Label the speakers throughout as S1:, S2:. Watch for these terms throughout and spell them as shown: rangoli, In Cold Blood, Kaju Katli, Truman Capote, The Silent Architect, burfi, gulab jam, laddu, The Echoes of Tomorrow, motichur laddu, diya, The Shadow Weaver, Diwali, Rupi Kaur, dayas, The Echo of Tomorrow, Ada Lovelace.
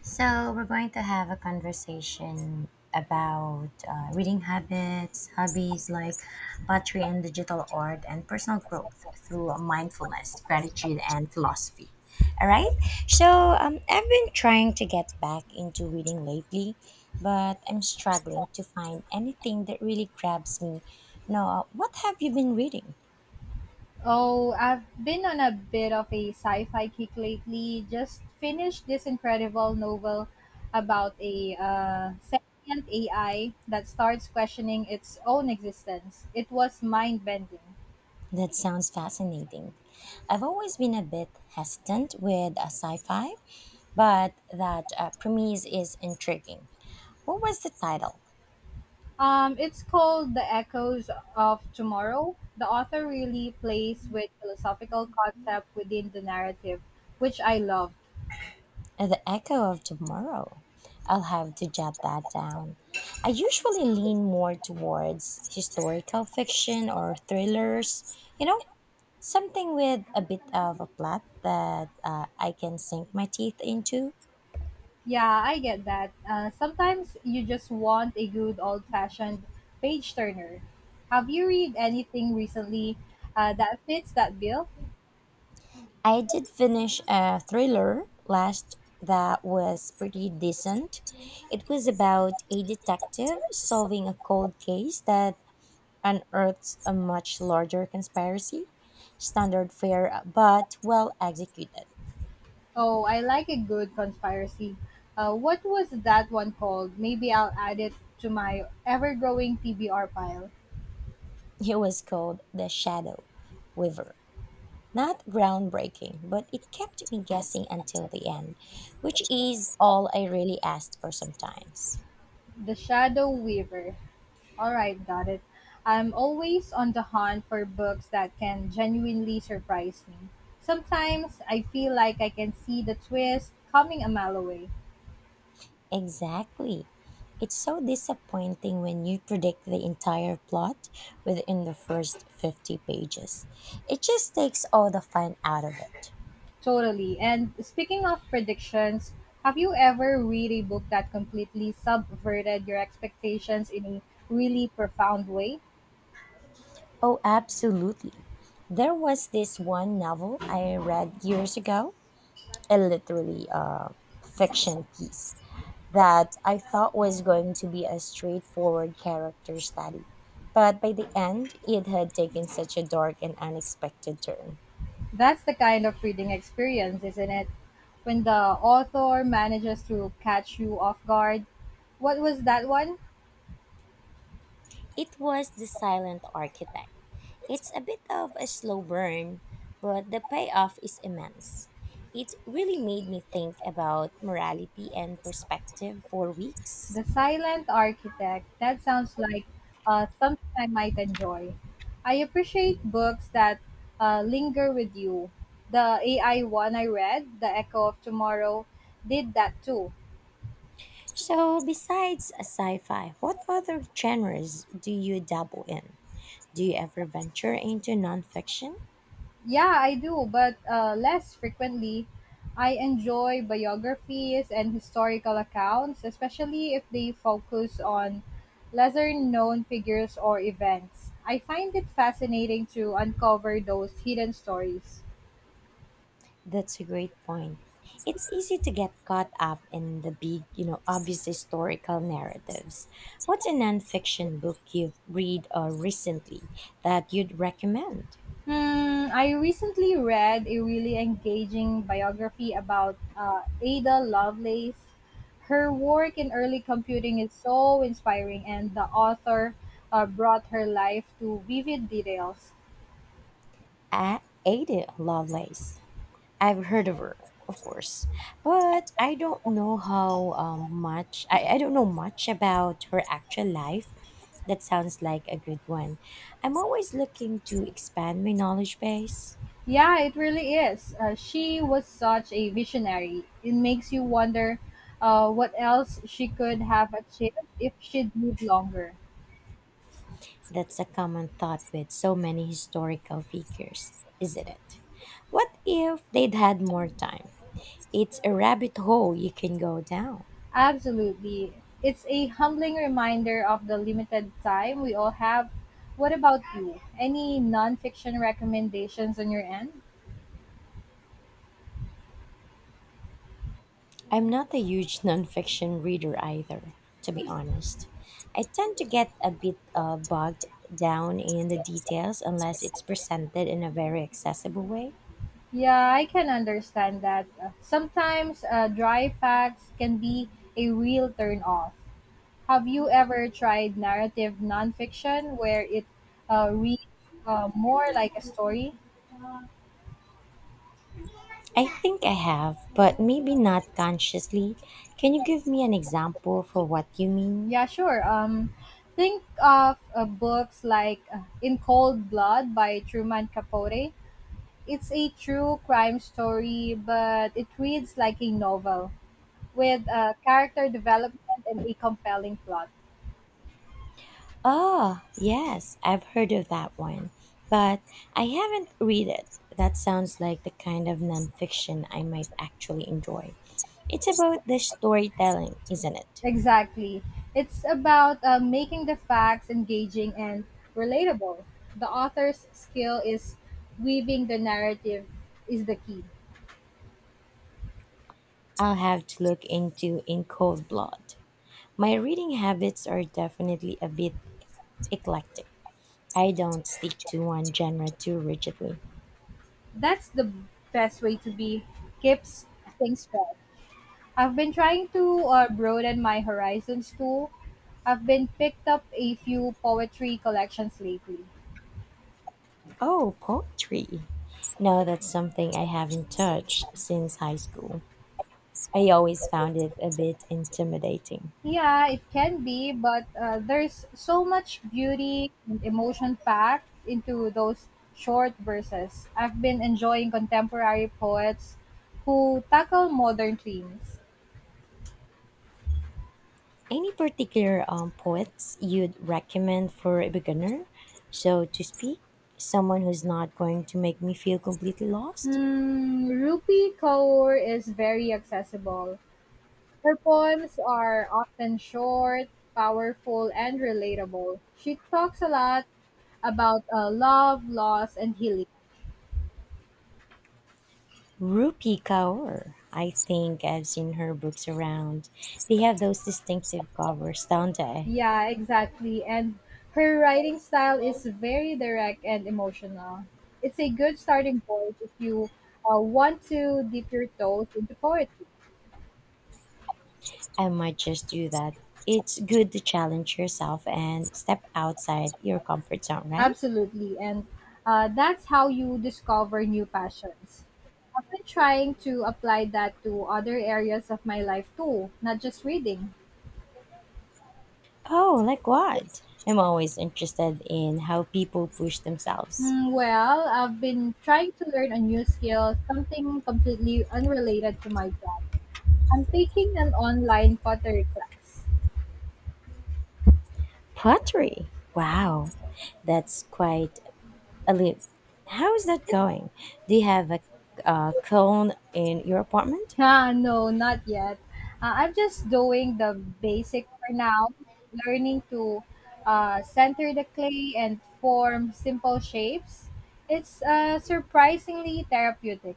S1: So, we're going to have a conversation about reading habits, hobbies like pottery and digital art, and personal growth through mindfulness, gratitude, and philosophy. All right. I've been trying to get back into reading lately, but I'm struggling to find anything that really grabs me. Now, what have you been reading?
S2: Oh, I've been on a bit of a sci fi kick lately. Just finished this incredible novel about a sentient AI that starts questioning its own existence. It was mind bending.
S1: That sounds fascinating. I've always been a bit hesitant with a sci fi but that premise is intriguing. What was the title?
S2: It's called The Echoes of Tomorrow. The author really plays with philosophical concept within the narrative, which I love.
S1: The Echo of Tomorrow. I'll have to jot that down. I usually lean more towards historical fiction or thrillers, you know, something with a bit of a plot that I can sink my teeth into.
S2: Yeah, I get that. Sometimes you just want a good old fashioned page turner. Have you read anything recently that fits that bill?
S1: I did finish a thriller last that was pretty decent. It was about a detective solving a cold case that unearths a much larger conspiracy, standard fare but well executed.
S2: Oh, I like a good conspiracy. What was that one called? Maybe I'll add it to my ever growing TBR pile.
S1: It was called The Shadow Weaver. Not groundbreaking, but it kept me guessing until the end, which is all I really asked for sometimes.
S2: The Shadow Weaver. Alright, got it. I'm always on the hunt for books that can genuinely surprise me. Sometimes I feel like I can see the twist coming a mile away.
S1: Exactly. It's so disappointing when you predict the entire plot within the first 50 pages. It just takes all the fun out of it.
S2: Totally. And speaking of predictions, have you ever read a book that completely subverted your expectations in a really profound way?
S1: Oh, absolutely. There was this one novel I read years ago, a literally fiction piece, that I thought was going to be a straightforward character study. But by the end, it had taken such a dark and unexpected turn.
S2: That's the kind of reading experience, isn't it? When the author manages to catch you off guard. What was that one?
S1: It was The Silent Architect. It's a bit of a slow burn, but the payoff is immense. It really made me think about morality and perspective for weeks.
S2: The Silent Architect. That sounds like something I might enjoy. I appreciate books that linger with you. The AI one I read, The Echo of Tomorrow, did that too.
S1: So, besides a sci-fi, what other genres do you dabble in? Do you ever venture into nonfiction?
S2: Yeah, I do, but less frequently. I enjoy biographies and historical accounts, especially if they focus on lesser known figures or events. I find it fascinating to uncover those hidden stories.
S1: That's a great point. It's easy to get caught up in the big, you know, obvious historical narratives. What's a nonfiction book you've read recently that you'd recommend?
S2: Hmm, I recently read a really engaging biography about Ada Lovelace. Her work in early computing is so inspiring, and the author brought her life to vivid details.
S1: Ada Lovelace. I've heard of her, of course, but I don't know how much. I don't know much about her actual life. That sounds like a good one. I'm always looking to expand my knowledge base.
S2: Yeah, it really is. She was such a visionary. It makes you wonder what else she could have achieved if she'd lived longer.
S1: That's a common thought with so many historical figures, isn't it? What if they'd had more time? It's a rabbit hole you can go down.
S2: Absolutely. It's a humbling reminder of the limited time we all have. What about you? Any nonfiction recommendations on your end?
S1: I'm not a huge nonfiction reader either, to be honest. I tend to get a bit bogged down in the details unless it's presented in a very accessible way.
S2: Yeah, I can understand that. Sometimes dry facts can be a real turn off. Have you ever tried narrative nonfiction where it reads more like a story?
S1: I think I have, but maybe not consciously. Can you give me an example for what you mean?
S2: Yeah, sure. Think of books like In Cold Blood by Truman Capote. It's a true crime story, but it reads like a novel with character development and a compelling plot.
S1: Oh, yes, I've heard of that one, but I haven't read it. That sounds like the kind of nonfiction I might actually enjoy. It's about the storytelling, isn't it?
S2: Exactly. It's about making the facts engaging and relatable. The author's skill is weaving the narrative is the key.
S1: I'll have to look into In Cold Blood. My reading habits are definitely a bit eclectic. I don't stick to one genre too rigidly.
S2: That's the best way to be, keeps things fresh. I've been trying to broaden my horizons too. I've been picked up a few poetry collections lately.
S1: Oh, poetry. No, that's something I haven't touched since high school. I always found it a bit intimidating.
S2: Yeah, it can be, but there's so much beauty and emotion packed into those short verses. I've been enjoying contemporary poets who tackle modern themes.
S1: Any particular poets you'd recommend for a beginner, so to speak? Someone who's not going to make me feel completely lost?
S2: Hmm, Rupi Kaur is very accessible. Her poems are often short, powerful, and relatable. She talks a lot about love, loss, and healing.
S1: Rupi Kaur, I think I've seen her books around. They have those distinctive covers, don't they?
S2: Yeah, exactly. And her writing style is very direct and emotional. It's a good starting point if you want to dip your toes into poetry.
S1: I might just do that. It's good to challenge yourself and step outside your comfort zone, right?
S2: Absolutely. And that's how you discover new passions. I've been trying to apply that to other areas of my life too, not just reading.
S1: Oh, like what? I'm always interested in how people push themselves.
S2: Mm, well, I've been trying to learn a new skill, something completely unrelated to my job. I'm taking an online pottery class.
S1: Pottery. Wow, that's quite a leap. How is that going? Do you have a cone in your apartment?
S2: Ah, no, not yet. I'm just doing the basic for now, learning to center the clay and form simple shapes. It's surprisingly therapeutic.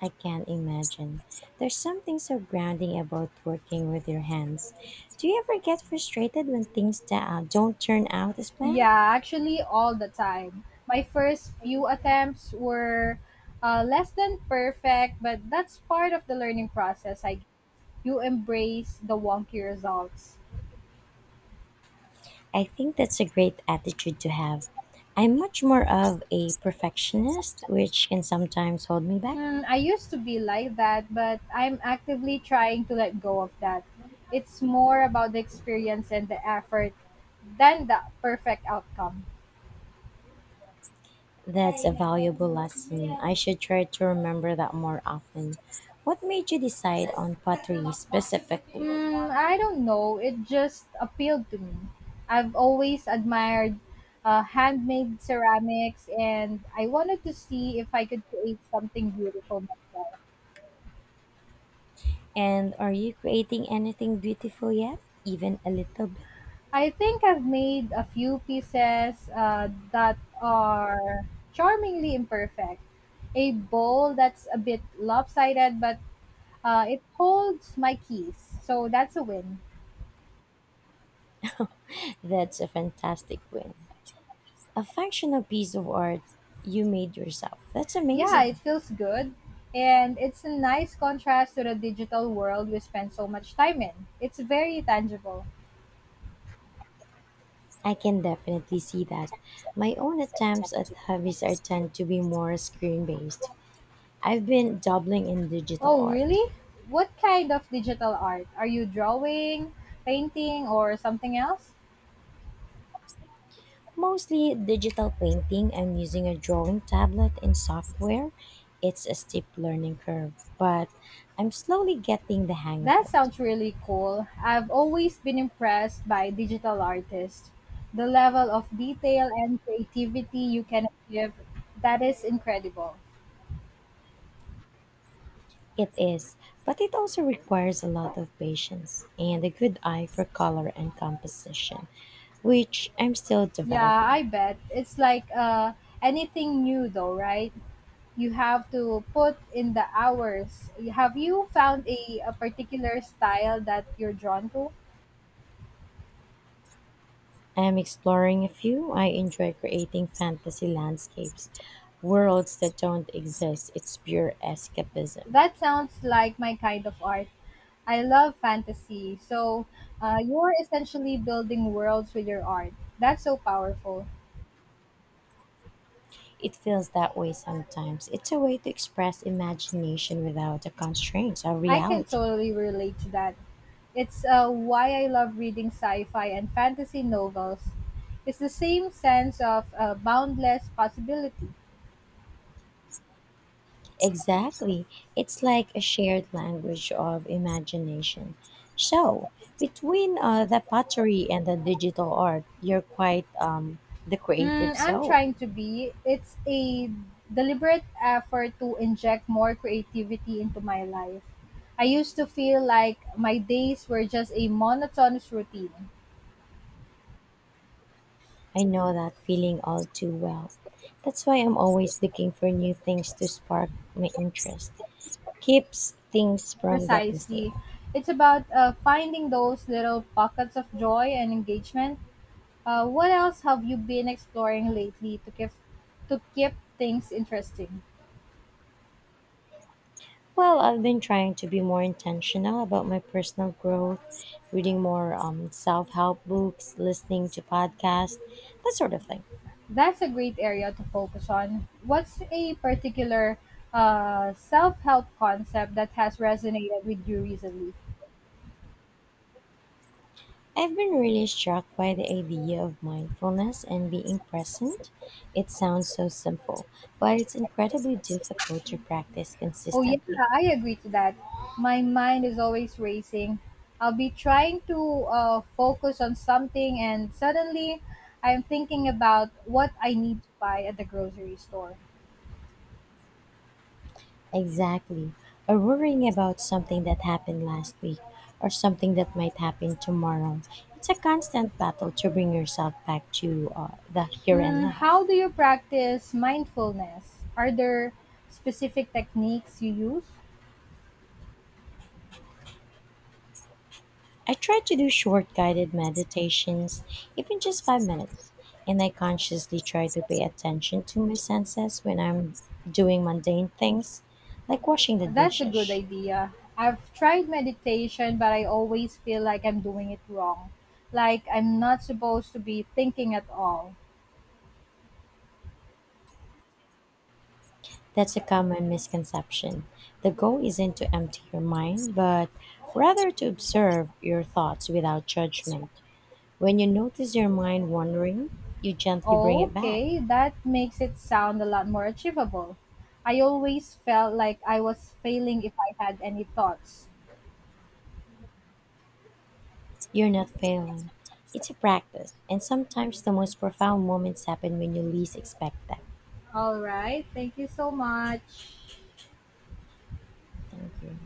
S1: I can't imagine. There's something so grounding about working with your hands. Do you ever get frustrated when things don't turn out as planned?
S2: Yeah, actually, all the time. My first few attempts were less than perfect, but that's part of the learning process. I you embrace the wonky results.
S1: I think that's a great attitude to have. I'm much more of a perfectionist, which can sometimes hold me back.
S2: Hmm, I used to be like that, but I'm actively trying to let go of that. It's more about the experience and the effort than the perfect outcome.
S1: That's a valuable lesson. I should try to remember that more often. What made you decide on pottery specifically?
S2: Hmm, I don't know. It just appealed to me. I've always admired handmade ceramics, and I wanted to see if I could create something beautiful myself.
S1: And are you creating anything beautiful yet? Even a little bit?
S2: I think I've made a few pieces that are charmingly imperfect. A bowl that's a bit lopsided, but it holds my keys, so that's a win.
S1: That's a fantastic win. A functional piece of art you made yourself. That's
S2: Yeah, it
S1: amazing.
S2: feels good, and it's a nice contrast to the digital world we spend so much time in. It's very tangible.
S1: I can definitely see that. My own attempts at hobbies are tend to be more screen based. I've been dabbling in digital
S2: Oh,
S1: art.
S2: really? What kind of digital art? Are you drawing, painting, or something else?
S1: Mostly digital painting. I'm using a drawing tablet and software. It's a steep learning curve, but I'm slowly getting the hang of
S2: That
S1: it.
S2: sounds really cool. I've always been impressed by digital artists. The level of detail and creativity you can give, that is incredible.
S1: It is, but it also requires a lot of patience and a good eye for color and composition, which I'm still
S2: Yeah,
S1: developing.
S2: I bet. It's like anything new, though, right? You have to put in the hours. Have you found a particular style that you're drawn to?
S1: I'm exploring a few. I enjoy creating fantasy landscapes, worlds that don't exist. It's pure escapism.
S2: That sounds like my kind of art. I love fantasy. So you're essentially building worlds with your art. That's so powerful.
S1: It feels that way sometimes. It's a way to express imagination without the constraints of
S2: I can
S1: reality.
S2: totally relate to that. It's why I love reading sci fi and fantasy novels. It's the same sense of boundless possibility.
S1: Exactly. It's like a shared language of imagination. So, between the pottery and the digital art, you're quite the
S2: Hmm,
S1: creative
S2: I'm
S1: soul.
S2: trying to be. It's a deliberate effort to inject more creativity into my life. I used to feel like my days were just a monotonous routine.
S1: I know that feeling all too well. That's why I'm always looking for new things to spark my interest. Keeps things from getting
S2: Precisely.
S1: stale.
S2: It's about finding those little pockets of joy and engagement. What else have you been exploring lately to keep things interesting?
S1: Well, I've been trying to be more intentional about my personal growth, reading more self help books, listening to podcasts, that sort of thing.
S2: That's a great area to focus on. What's a particular self help concept that has resonated with you recently?
S1: I've been really struck by the idea of mindfulness and being present. It sounds so simple, but it's incredibly difficult to practice
S2: Oh yeah,
S1: consistently.
S2: I agree to that. My mind is always racing. I'll be trying to focus on something, and suddenly I'm thinking about what I need to buy at the grocery store.
S1: Exactly. Or worrying about something that happened last week or something that might happen tomorrow. It's a constant battle to bring yourself back to the here and
S2: Hmm,
S1: now.
S2: how do you practice mindfulness? Are there specific techniques you use?
S1: I try to do short guided meditations, even just 5 minutes, and I consciously try to pay attention to my senses when I'm doing mundane things, like washing the
S2: That's a good
S1: dishes.
S2: idea. I've tried meditation, but I always feel like I'm doing it wrong. Like I'm not supposed to be thinking at all.
S1: That's a common misconception. The goal isn't to empty your mind, but rather to observe your thoughts without judgment. When you notice your mind wandering, you gently bring it back.
S2: Okay, that makes it sound a lot more achievable. I always felt like I was failing if I had any thoughts.
S1: You're not failing. It's a practice, and sometimes the most profound moments happen when you least expect them.
S2: All right, thank you so much.
S1: Thank you.